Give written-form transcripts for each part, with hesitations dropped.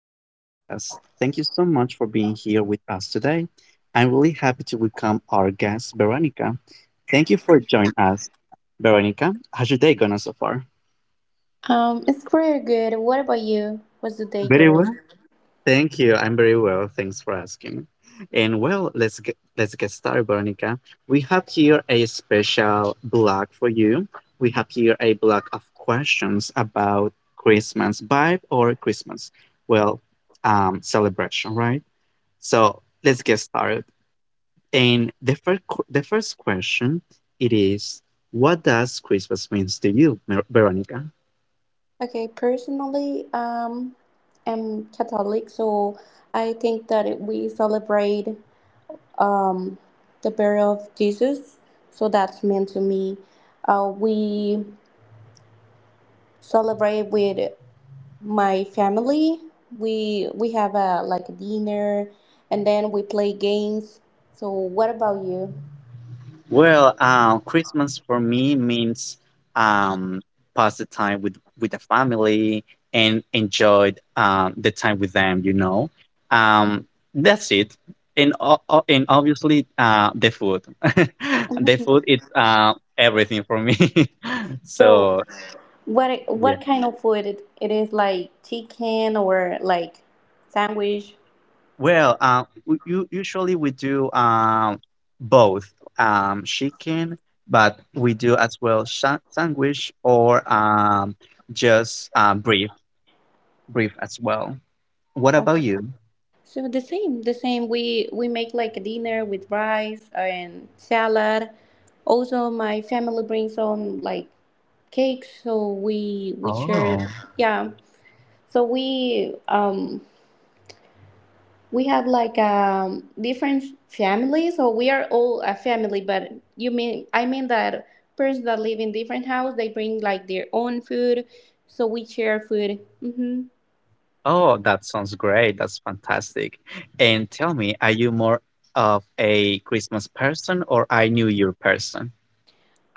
to the podcast. Thank you so much for being here with us today. I'm really happy to welcome our guest, Veronica. Thank you for joining us. Veronica, how's your day going so far? It's pretty good. What about you? What's the day, Very girl? well. Thank you. I'm very well. Thanks for asking. And well, let's get started, Veronica. We have here a special blog for you. We have here a block of questions about Christmas vibe or Christmas. Well, celebration, right? So let's get started. And the first question it is, what does Christmas means to you, Veronica? Okay, personally, I'm Catholic, so I think that we celebrate um the burial of Jesus. So that's meant to me. We celebrate with my family. We have a like a dinner, and then we play games. So what about you? Well, Christmas for me means um, pass the time with the family and enjoy the time with them. Um, that's it. And obviously the food, the food is everything for me. So So yeah. what kind of food it is like chicken or like sandwich? Well, usually we do both chicken, but we do as well sa sandwich or just brief as well. What about Okay. you? So the same, the same. We make like a dinner with rice and salad. Also, my family brings some like cakes, so we share. Oh, Yeah. So we have like different families, so we are all a family. But you mean I mean that persons that live in different house, they bring like their own food, so we share food. Hmm. oh, that sounds great. That's fantastic. And tell me, are you more of a Christmas person or a New Year person?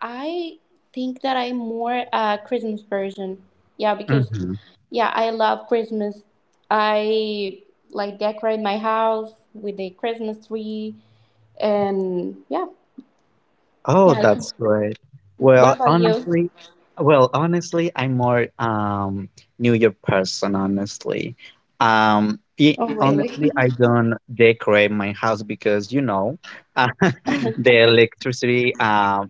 I think that I'm more a Christmas person. Yeah, because Mhm. yeah, I love Christmas. I like decorate my house with a Christmas tree, and yeah, Oh, yeah. I think. that's great. What Well, about you? honestly, well, honestly, I'm more New Year person, honestly. Oh, really? Honestly, I don't decorate my house because uh, the electricity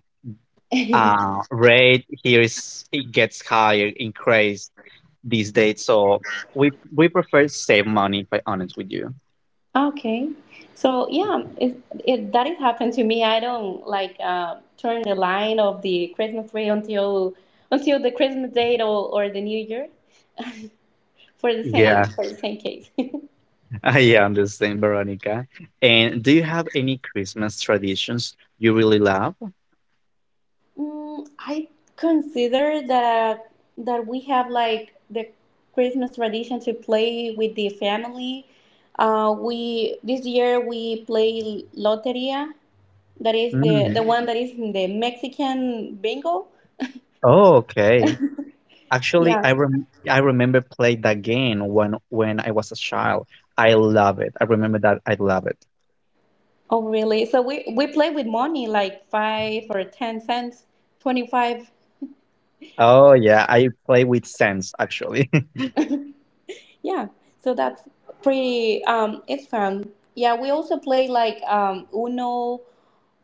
rate here is it gets higher, increased these days. So we prefer save money, if I honest with you. Okay. So yeah, it that has happened to me. I don't like turn the line of the Christmas tree until the Christmas date or the New Year for the same Yeah. Case. I understand, Veronica. And do you have any Christmas traditions you really love? I consider that that we have like the Christmas tradition to play with the family. We This year we play loteria. That is the Mm. the one that is in the Mexican bingo. Oh, okay. Actually, Yeah. I remember played that game when I was a child. I love it. I remember that I love it. Oh, really? So we play with money like 5 or 10 cents, 25. Oh yeah, I play with sense actually. Yeah, so that's pretty. It's fun. Yeah, we also play like Uno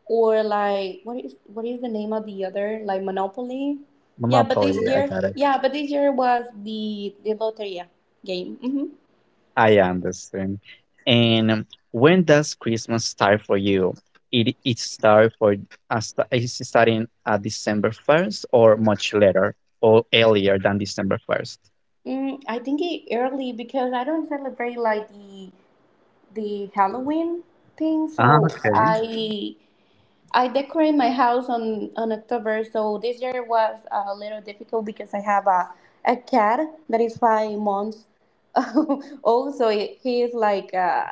or like what is the name of the other like Monopoly? Yeah, but Monopoly, this I year, got it. yeah, but this year was the Loteria game. Mm-hmm. I understand. And when does Christmas start for you? It start for us is it starting at December 1st or much later or earlier than December 1st? I think it early because I don't celebrate like the Halloween thing, Ah, so okay. I decorate my house on October, so this year was a little difficult because I have a cat that is 5 months old, so he is like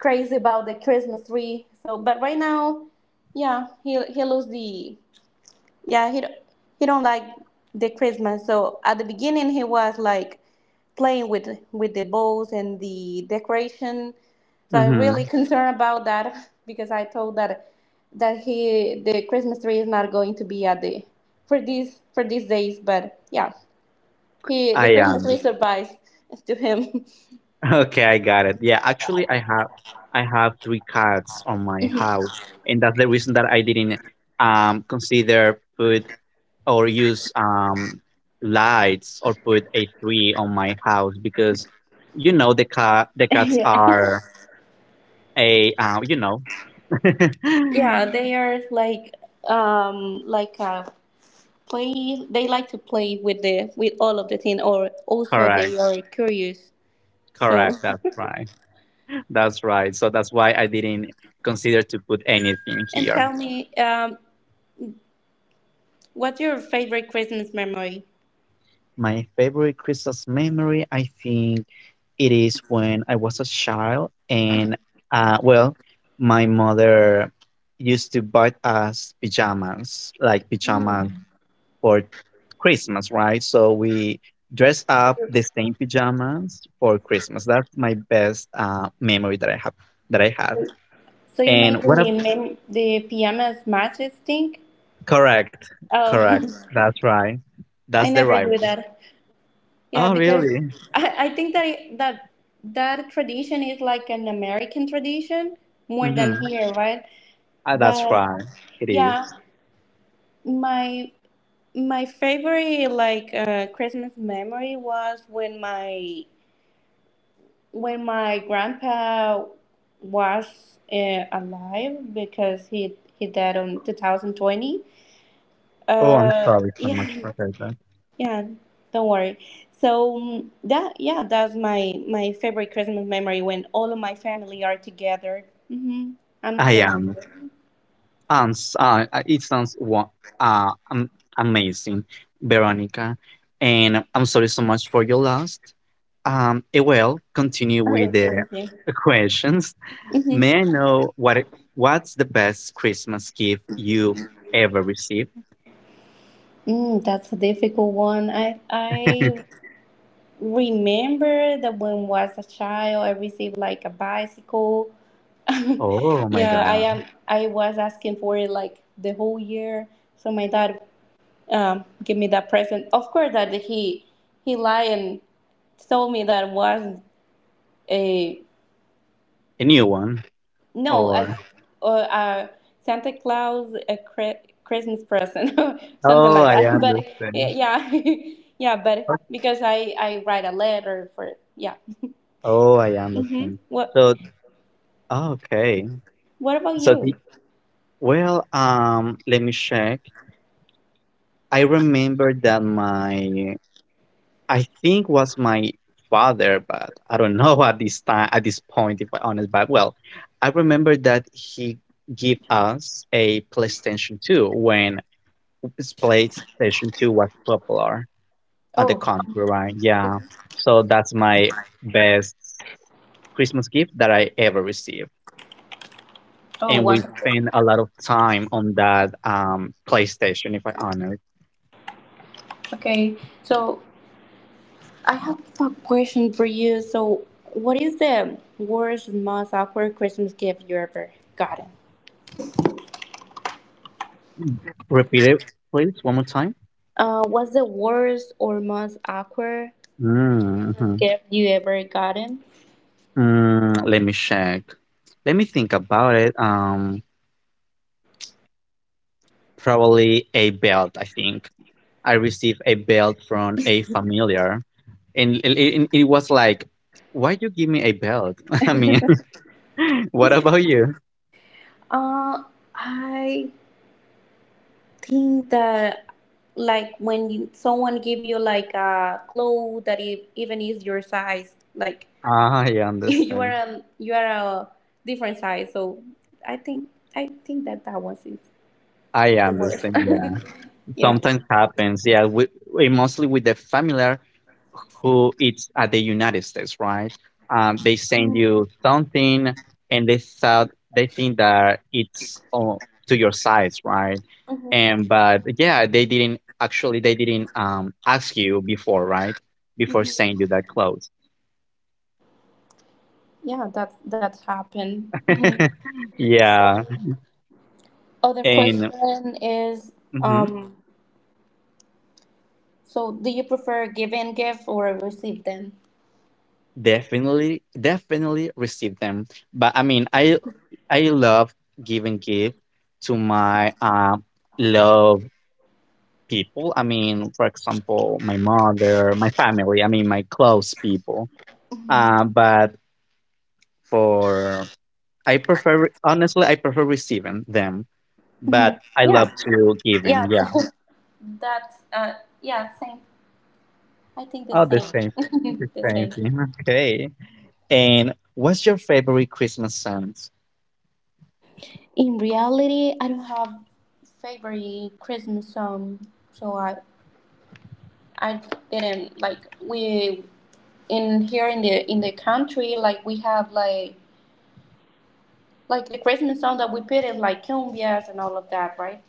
crazy about the Christmas tree. So, but right now, yeah, he loves the yeah he don't like the christmas, so at the beginning he was like playing with the balls and the decoration, so I'm really Mm-hmm. concerned about that. Because I told that he the christmas tree is not going to be at the for these days, but yeah he the I christmas am. tree survives to him. Okay, I got it. Yeah, actually, I have three cats on my house, and that's the reason that I didn't consider put or use lights or put a tree on my house because the cats Yeah, are a yeah, they are like a play, they like to play with all of the thing, or also correct, they are curious so. correct. That's right, that's right. So that's why I didn't consider to put anything And here. tell me, what's your favorite christmas memory? My favorite Christmas memory, I think it is when I was a child. And well, my mother used to buy us pajamas, like pajamas for Christmas, right? So we dress up the same pajamas for Christmas. That's my best memory that I have that I have. So you And made what a the the pajamas matches thing. correct, correct. Oh. That's right. I That's the never right do one. that, yeah, Oh, because really? I think that that tradition is like an american tradition more than Mm-hmm. here, right? That's But right. It yeah, is. my My favorite Christmas memory was when my grandpa was alive, because he died on 2020. Oh, I'm Uh, sorry so much yeah, for that. yeah. Don't worry. So that's my favorite Christmas memory, when all of my family are together. Mm-hmm. I'm I still. am. Together. It sounds uh, um, amazing, Veronica. And I'm sorry so much for your loss. Well, continue with Okay, thank the you. questions. Mm-hmm. May I know what's the best Christmas gift you ever received? That's a difficult one. I remember that when was a child I received like a bicycle. Oh my Yeah, God, I was asking for it like the whole year. So my dad gave me that present. Of course that he lied and told me that was a a new one no as or? uh, uh Santa Claus Christmas present. Something Oh, like I that. But understand. yeah, yeah, but because I write a letter for yeah. Oh, I Mhm. understand. What So, okay. What about So the you? well, let me check. I remember that my I think was my father, but I don't know at this point if I honest, but well, I remember that he gave us a PlayStation 2 when PlayStation 2 was popular at the Oh, country, right? Yeah. So that's my best Christmas gift that I ever received. oh, And we wonderful. spent a lot of time on that PlayStation, if I honest. Okay, so I have a question for you. So, what is the worst and most awkward Christmas gift you ever gotten? Repeat it, please, one more time. What's the worst or most awkward Mm, mhm. gift you ever gotten? Let me check. Let me think about it. Probably a belt, I think. I received a belt from a familiar, and it was like, why you give me a belt? I mean, what about you? Uh, I think that like someone give you like a clothes that even is your size, like Ah, I understand. You are a different size, so i think I think that that was is I the understand. Yeah. worst. Yeah. Sometimes happens, yeah, with, mostly with the familiar who it's at the United States, right? They send you something, and they think that it's to your size, right? Hmm, And but yeah, they didn't actually they didn't ask you before, right? Before hmm, sending you that clothes. yeah, that happened. Mhm. Yeah, So other and question is mhm. um so do you prefer giving gift or receive them? Definitely receive them. But I mean, I love giving gift to my love people. I mean, for example, my mother, my family. I mean, my close people. Hmm, But for I prefer honestly, I prefer receiving them. hmm, But I yeah, love to yeah. giving. Yeah. That's yeah, same, I think the Oh, the same. same, the The same same, thing. Okay. And what's your favorite Christmas song? in reality I don't have favorite christmas song, so I didn't like, we in here in the country, like we have like the Christmas song that we put in like cumbias and all of that, right?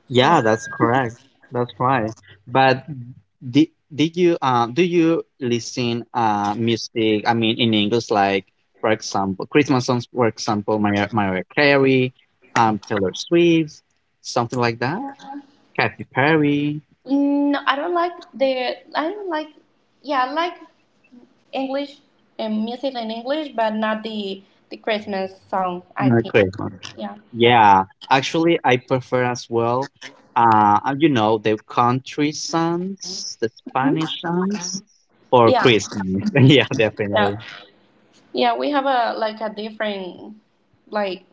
Yeah, So that's correct. That's right. But did you do you listen music? I mean, in English, like for example, Christmas songs. For example, Mariah Carey, Taylor Swift, something like that. Katy Perry, no, I don't like yeah I like English and music in English, but not the Christmas song, I Merry think. Christmas. Yeah. Yeah, actually, I prefer as well. The country songs, the Mhm. Spanish songs for Yeah, Christmas. Yeah, definitely. yeah, yeah, we have a like a different, like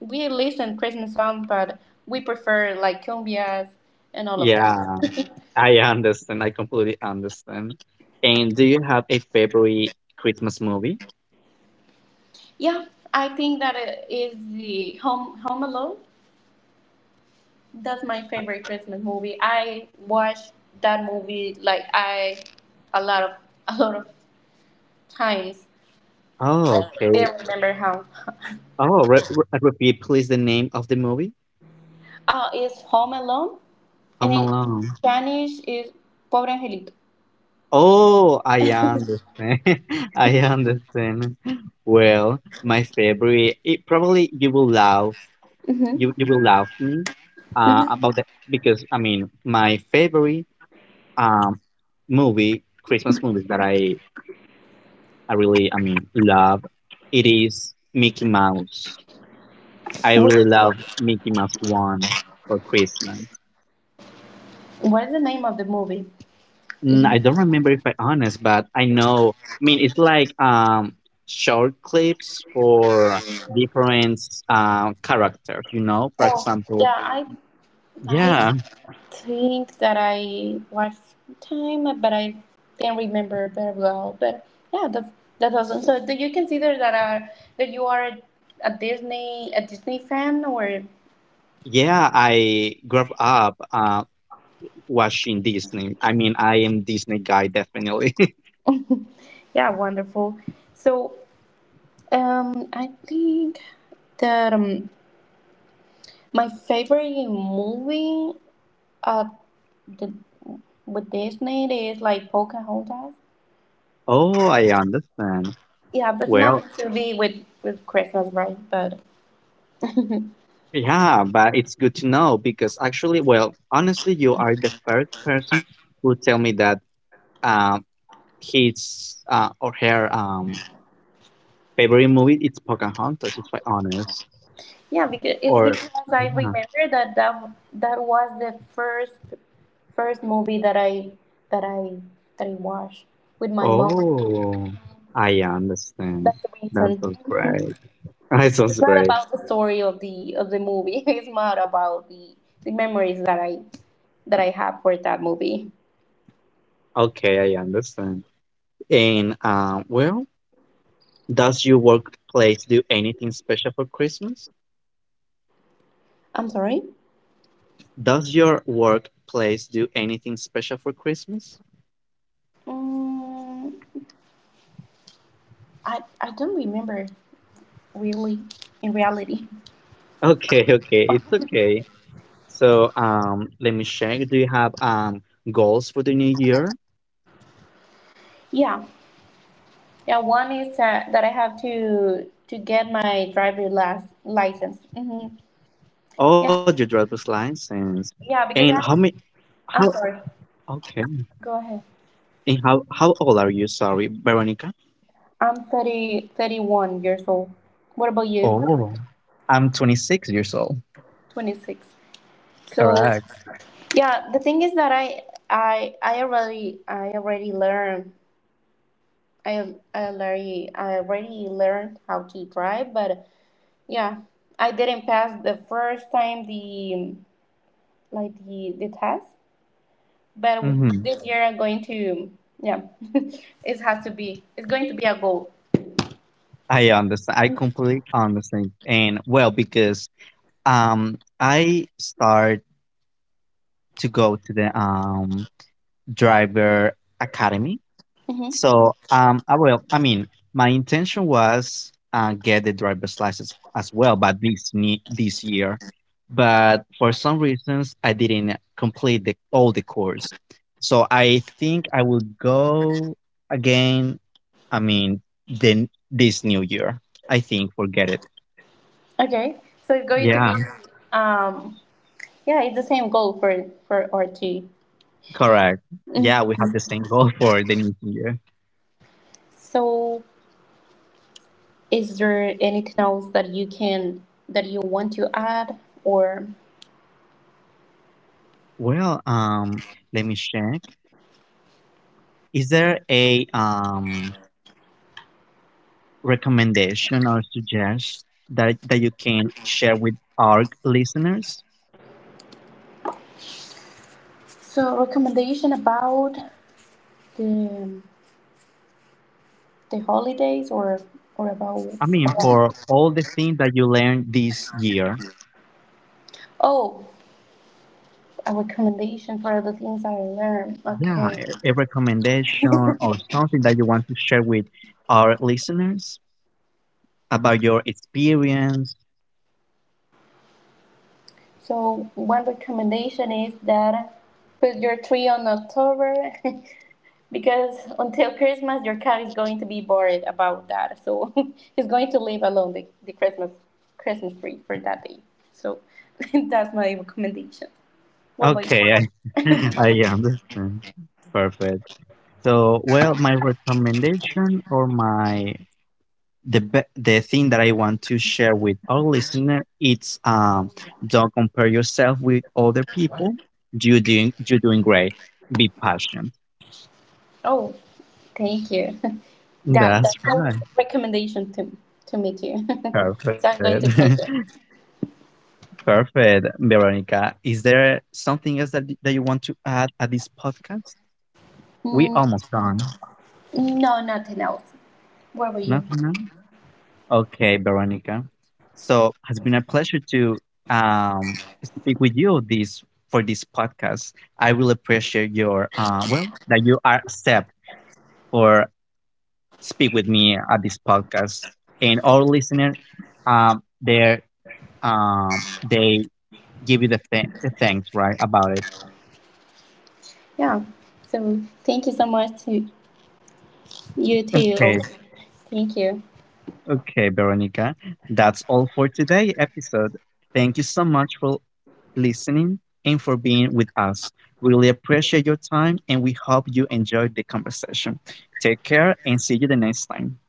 we listen Christmas song, but we prefer like cumbias and all of Yeah. that. I understand. I completely understand. And do you have a favorite Christmas movie? Yeah, I think that it is the Home Alone. That's my favorite Christmas movie. I watch that movie like I a lot of a lot of times. Oh, I okay. still remember how. Oh, repeat please the name of the movie. It's Home Alone, and Home in Alone. Spanish is Pobre Angelito. Oh, I understand. I understand. Well, my favorite. It probably you will laugh. Mm-hmm. You will laugh me about that because I mean my favorite um movie Christmas movies that I really, I mean, love it is Mickey Mouse. I really What, love Mickey Mouse one for Christmas. what is the name of the movie? Is I don't remember if I honest, but I know. I mean, it's like short clips for different characters. You know, for Oh example, yeah, I yeah, think that I watched time, but I can't remember very well. But yeah, that awesome. So do you consider that you are a Disney fan? Or yeah. I grew up watching Disney. I mean, I am Disney guy definitely. yeah, wonderful. So I think that my favorite movie uh the, with Disney is like Pocahontas. Oh, I understand. Yeah, but Well, nothing to be with Christmas, right? But yeah, but it's good to know because actually, well, honestly, you are the first person who tell me that um his or her favorite movie it's Pocahontas, if I honest. yeah, because it's Or because I yeah. remember that that was the first movie that I that I watched with my mom. Oh, I understand. That's the That reason. sounds great. Mhm. That sounds It's not great. about the story of the movie. It's not about the memories that I have for that movie. Okay, I understand. And well, does your workplace do anything special for Christmas? I'm sorry. Does your workplace do anything special for Christmas? Mm, I don't remember really in reality. Okay, okay, it's okay. So, let me check. Do you have goals for the new year? Yeah, yeah. One is that I have to get my driver license. Mhm. Oh, your Yeah. driver's license. Yeah, And how because many? How? I'm sorry. Okay. Go ahead. And how old are you? Sorry, Veronica. I'm 30, 31 years old. What about you? Oh, I'm 26 years old. 26. So, Correct. yeah, the thing is that I already learned, I already learned how to drive, but yeah, I didn't pass the first time the like the test, but Mm-hmm. this year I'm going to yeah, it's going to be a goal. I understand. I completely understand. And well, because I start to go to the driver academy. Mm-hmm. So, I will. I mean, my intention was get the driver's license as well, but this year, but for some reasons I didn't complete the all the course. So I think I will go again. I mean, then this new year, I think we'll get it. Okay, so it's going to Yeah, be, um, yeah, it's the same goal for RT. correct. Yeah, Mm. we have the same goal for the new year. So, is there anything else that you want to add, or Well, let me check. Is there a recommendation or suggest that you can share with our listeners? so recommendation about the the holidays, or or about, I mean, about- for all the things that you learned this year, oh a recommendation for the things that I learned. yeah, Okay, a recommendation or something that you want to share with our listeners about your experience. so one recommendation is that put your tree on October because until Christmas your cat is going to be bored about that. So he's going to leave alone the Christmas tree for that day. So that's my recommendation. What about Okay, you? I understand. Perfect. So, well, my recommendation or the thing that I want to share with our listener it's don't compare yourself with other people. You doing great. Be patient. Oh, thank you. That That's that's a right. recommendation to me too. So Perfect. I'm going to take it. Perfect. Veronica, is there something else that you want to add at this podcast? We Mm, almost done. no, nothing else. What about you? Nothing else? Okay, Veronica. So has been a pleasure to speak with you this podcast. I will appreciate your well that you are accept or speak with me at this podcast. And our listener, um, they they give you the thanks right about it. Yeah. So thank you so much to you too. Okay, Thank you. okay, Veronica. That's all for today episode. Thank you so much for listening, and for being with us. Really appreciate your time and we hope you enjoyed the conversation. Take care and see you the next time.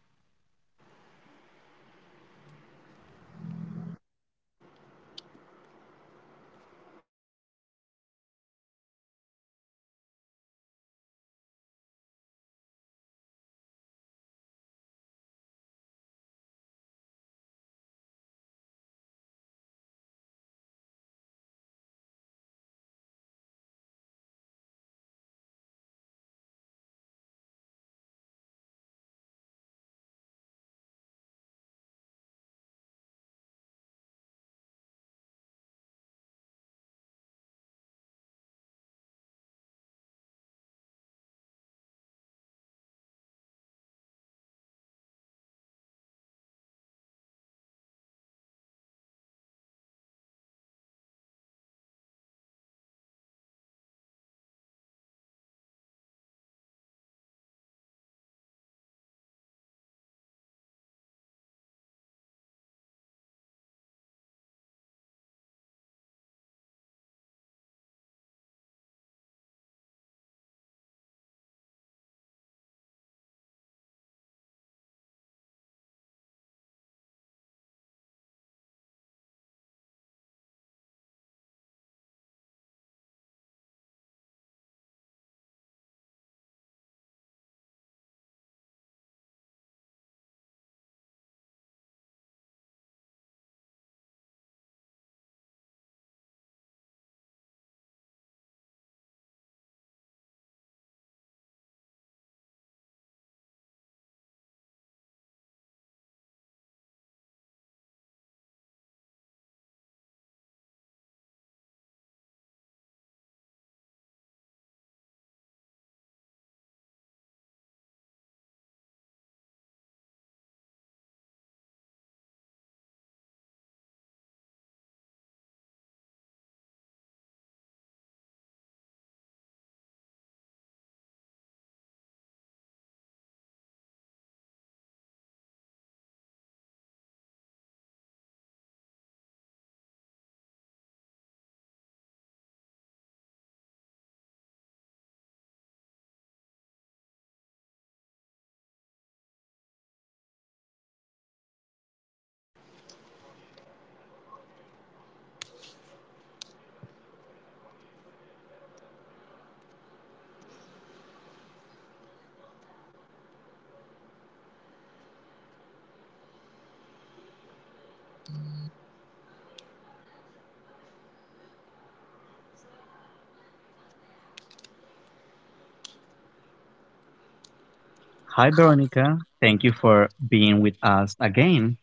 Hi, Veronica. Thank you for being with us again.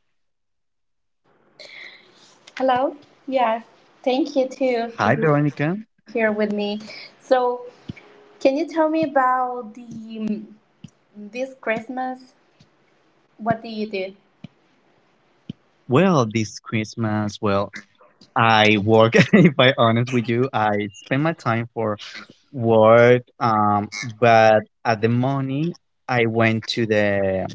Hello. Yes. Thank you Hi, too to Veronica. be here with me. So can you tell me about the this Christmas? What did you do? Well, this Christmas, well, I work, if I honest with you, I spend my time for work, but at the morning I went to the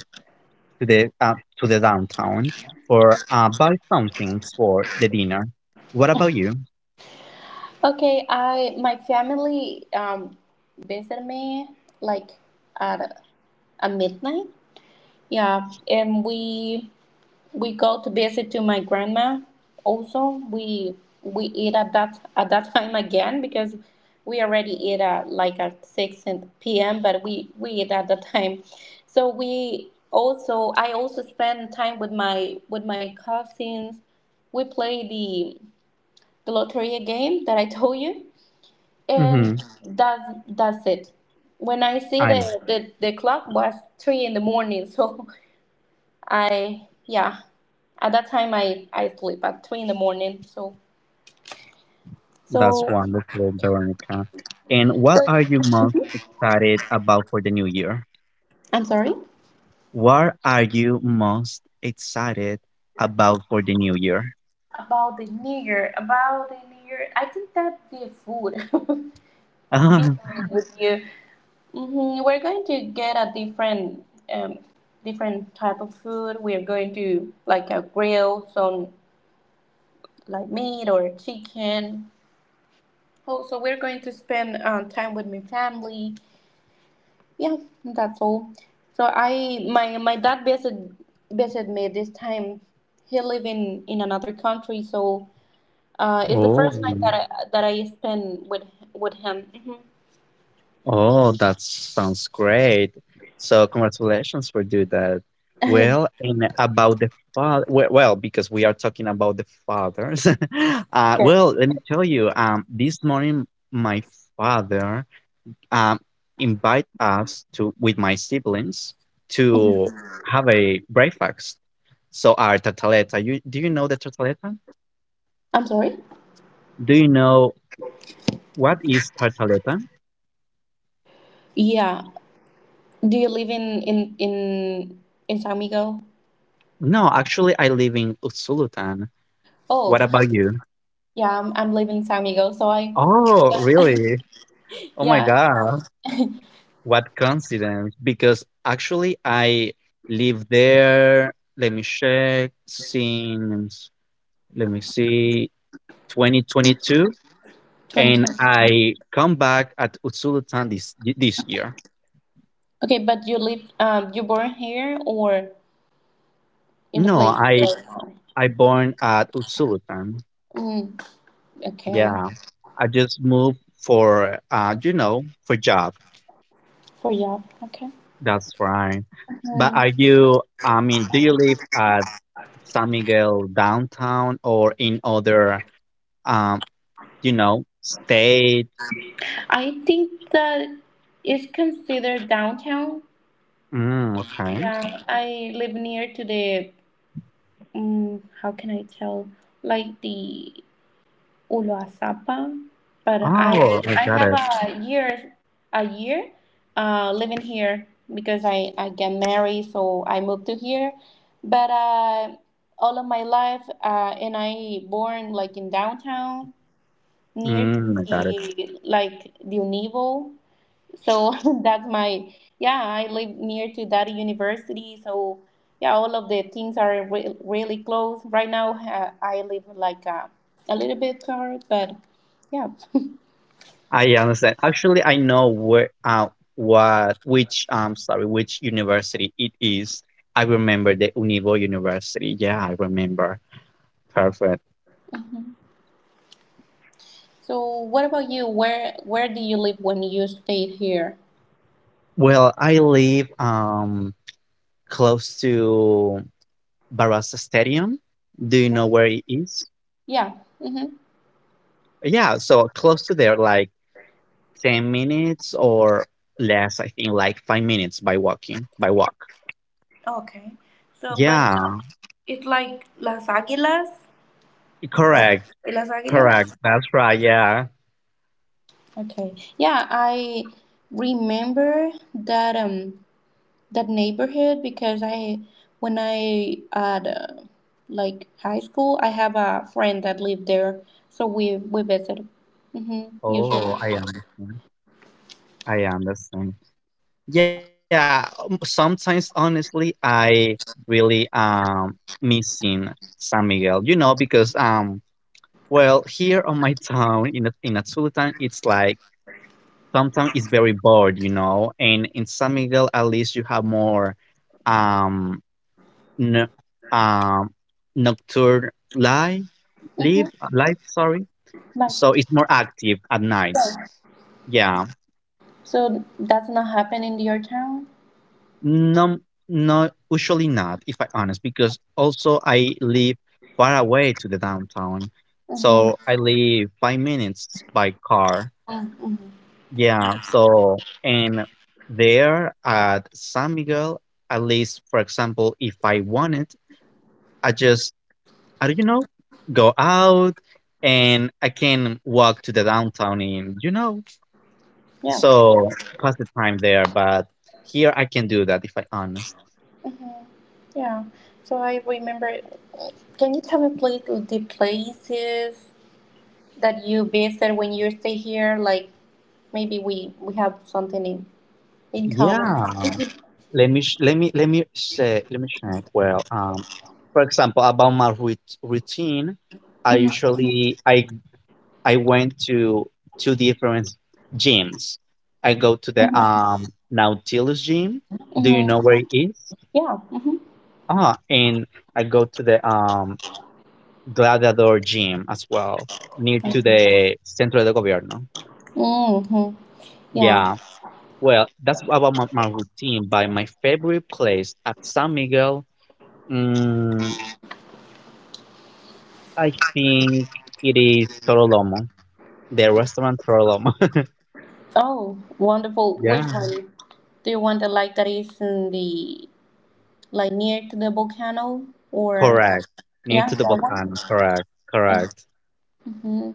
to the to the downtown or buy something for the dinner. What about you? Okay. I My family visited me like at a midnight. Yeah, and we go to visit to my grandma, also we eat at that time again, because we already eat at at 6 p.m, but we eat at the time, so we also I also spend time with my cousins. We play the lottery game that I told you, and Mm-hmm. that's it. When I see the I the, the clock was 3 in the morning, so I yeah. At that time, I sleep at 3 in the morning. So That's so. wonderful, Veronica. And what So-. are you most excited about for the new year? I'm sorry. What are you most excited about for the new year? About the nigger, I think that the food. Be honest with you, we're going to get a different um different type of food. We are going to like a grill some like meat or chicken. Also, we're going to spend time with my family. Yeah, that's all. So I my dad visit me this time. He live in another country, so it's the Oh. first time that I spend with him. Mhm. Oh, that sounds great. So congratulations for doing that. Well, and about the father, well, because we are talking about the fathers. uh, Okay. well, let me tell you, this morning my father um, invite us to with my siblings to Mhm. have a breakfast. So our tartaleta. You do you know the tartaleta? I'm sorry. Do you know what is tartaleta? Yeah. Do you live in San Miguel? No, actually, I live in Usulután. Oh, What about you? yeah. I'm living in San Miguel, so I Oh, really? Oh my yeah. God. What coincidence. Because actually I live there, let me check, since, let me see, 2022. And 2020. I come back at Utsulutan this year. Okay, but you born here or in the No, place? I Where you are? I born at Utsulutan. Mm, okay. Yeah. I just moved for job. For Yap, okay. That's right. But Uh, are you I mean, do you live at San Miguel downtown or in other, um, state? I think that it's considered downtown. Mm, okay. Yeah, I live near to how can I tell, like the Uluasapa, but I Oh, I I got have it. A year living here, because I get married, so I moved to here, but all of my life, and I born like in downtown near to I got it. the like the Univo, so that's my yeah, I live near to that university, so yeah all of the things are really close right now. I live like a little bit far, but yeah. I understand. Actually, I know sorry, which university it is. I remember the Univo University. Yeah, I remember. Perfect. Mhm. So what about you, where do you live when you stayed here? Well, I live close to Barraza Stadium. Do you know where it is? Yeah. Mm-hmm. Yeah, so close to there, like 10 minutes or less, I think like 5 minutes by walk. Okay, so but Yeah, it's like Las Aguilas, las correct, las correct. Aguilas, That's right. Yeah. okay, yeah. I remember that that neighborhood, because I when I at like high school I have a friend that lived there, so we visit. Mm-hmm, usually. Oh, I understand. I understand. Yeah, sometimes honestly, I really missing San Miguel, because well, here on my town in Atzultan, it's like sometimes it's very bored, and in San Miguel at least you have more um n- um, nocturne life, Mm-hmm, live life. Sorry, like so it's more active at nights. sure. Yeah, So that's not happening in your town. no, no, usually not. If I honest, because also I live far away to the downtown, Mm-hmm, so I live 5 minutes by car. mm-hmm, Yeah, so and there at San Miguel, at least for example, if I wanted, I just I don't go out, and I can walk to the downtown in yeah, so pass the time there. But here I can do that if I honest. mm-hmm, yeah. So I remember, can you tell me please the places that you visit when you stay here, like maybe we have something in common. Yeah, Mm-hmm, let me check. Well, for example, about my routine, I usually I went to two different gyms. I go to the mm-hmm, Nautilus gym. Do you know mm-hmm. where it is? Yeah. Mm-hmm. And I go to the Gladiador Gym as well, near I to see. the Centro de Gobierno. Mm-hmm. Yeah. Yeah, well, that's about my routine, but my favorite place at San Miguel, mm, I think it is Torolomo, the restaurant Torolomo. Oh, wonderful. Which Yeah, one? Do you want the like that is in the like near to the volcano, or correct. Near yeah, to the that one? volcano, correct, Like, correct. mm-hmm.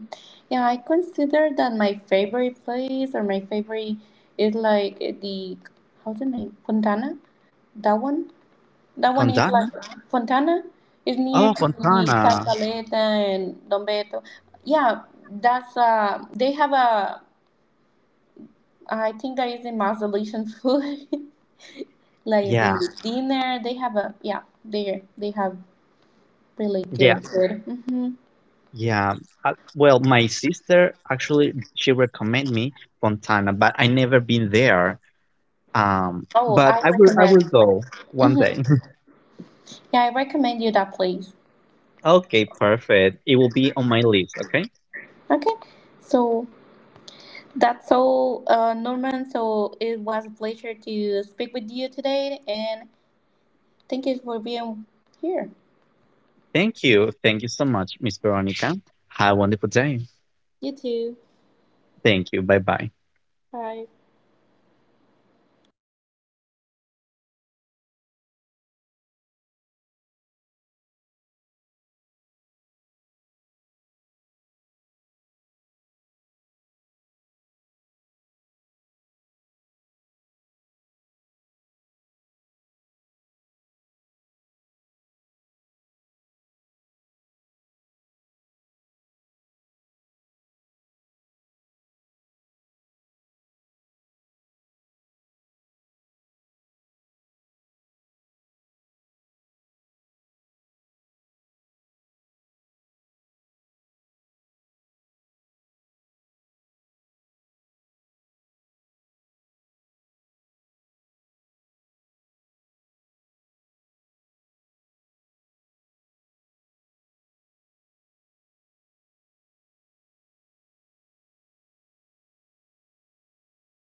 Yeah, I consider that my favorite is like the, how's the name? Fontana? That one? That one is Fontana? like Fontana, is Oh, near to the Fontana. San and Don Beto. Yeah, that's they have a I think that is the Malaysian food, like Yeah, the dinner. They have a yeah, There they have really yeah, good food. Hmm. yeah. Well, my sister actually she recommended me Fontana, but I never been there. Um, Oh, but I I will recommend. go one Hmm. day. Yeah, I recommend you that place. Okay, perfect. It will be on my list, okay? Okay, so that's all, Norman. So it was a pleasure to speak with you today, and thank you for being here. Thank you. Thank you so much, Miss Veronica. Have a wonderful day. You too. Thank you. Bye bye. Bye.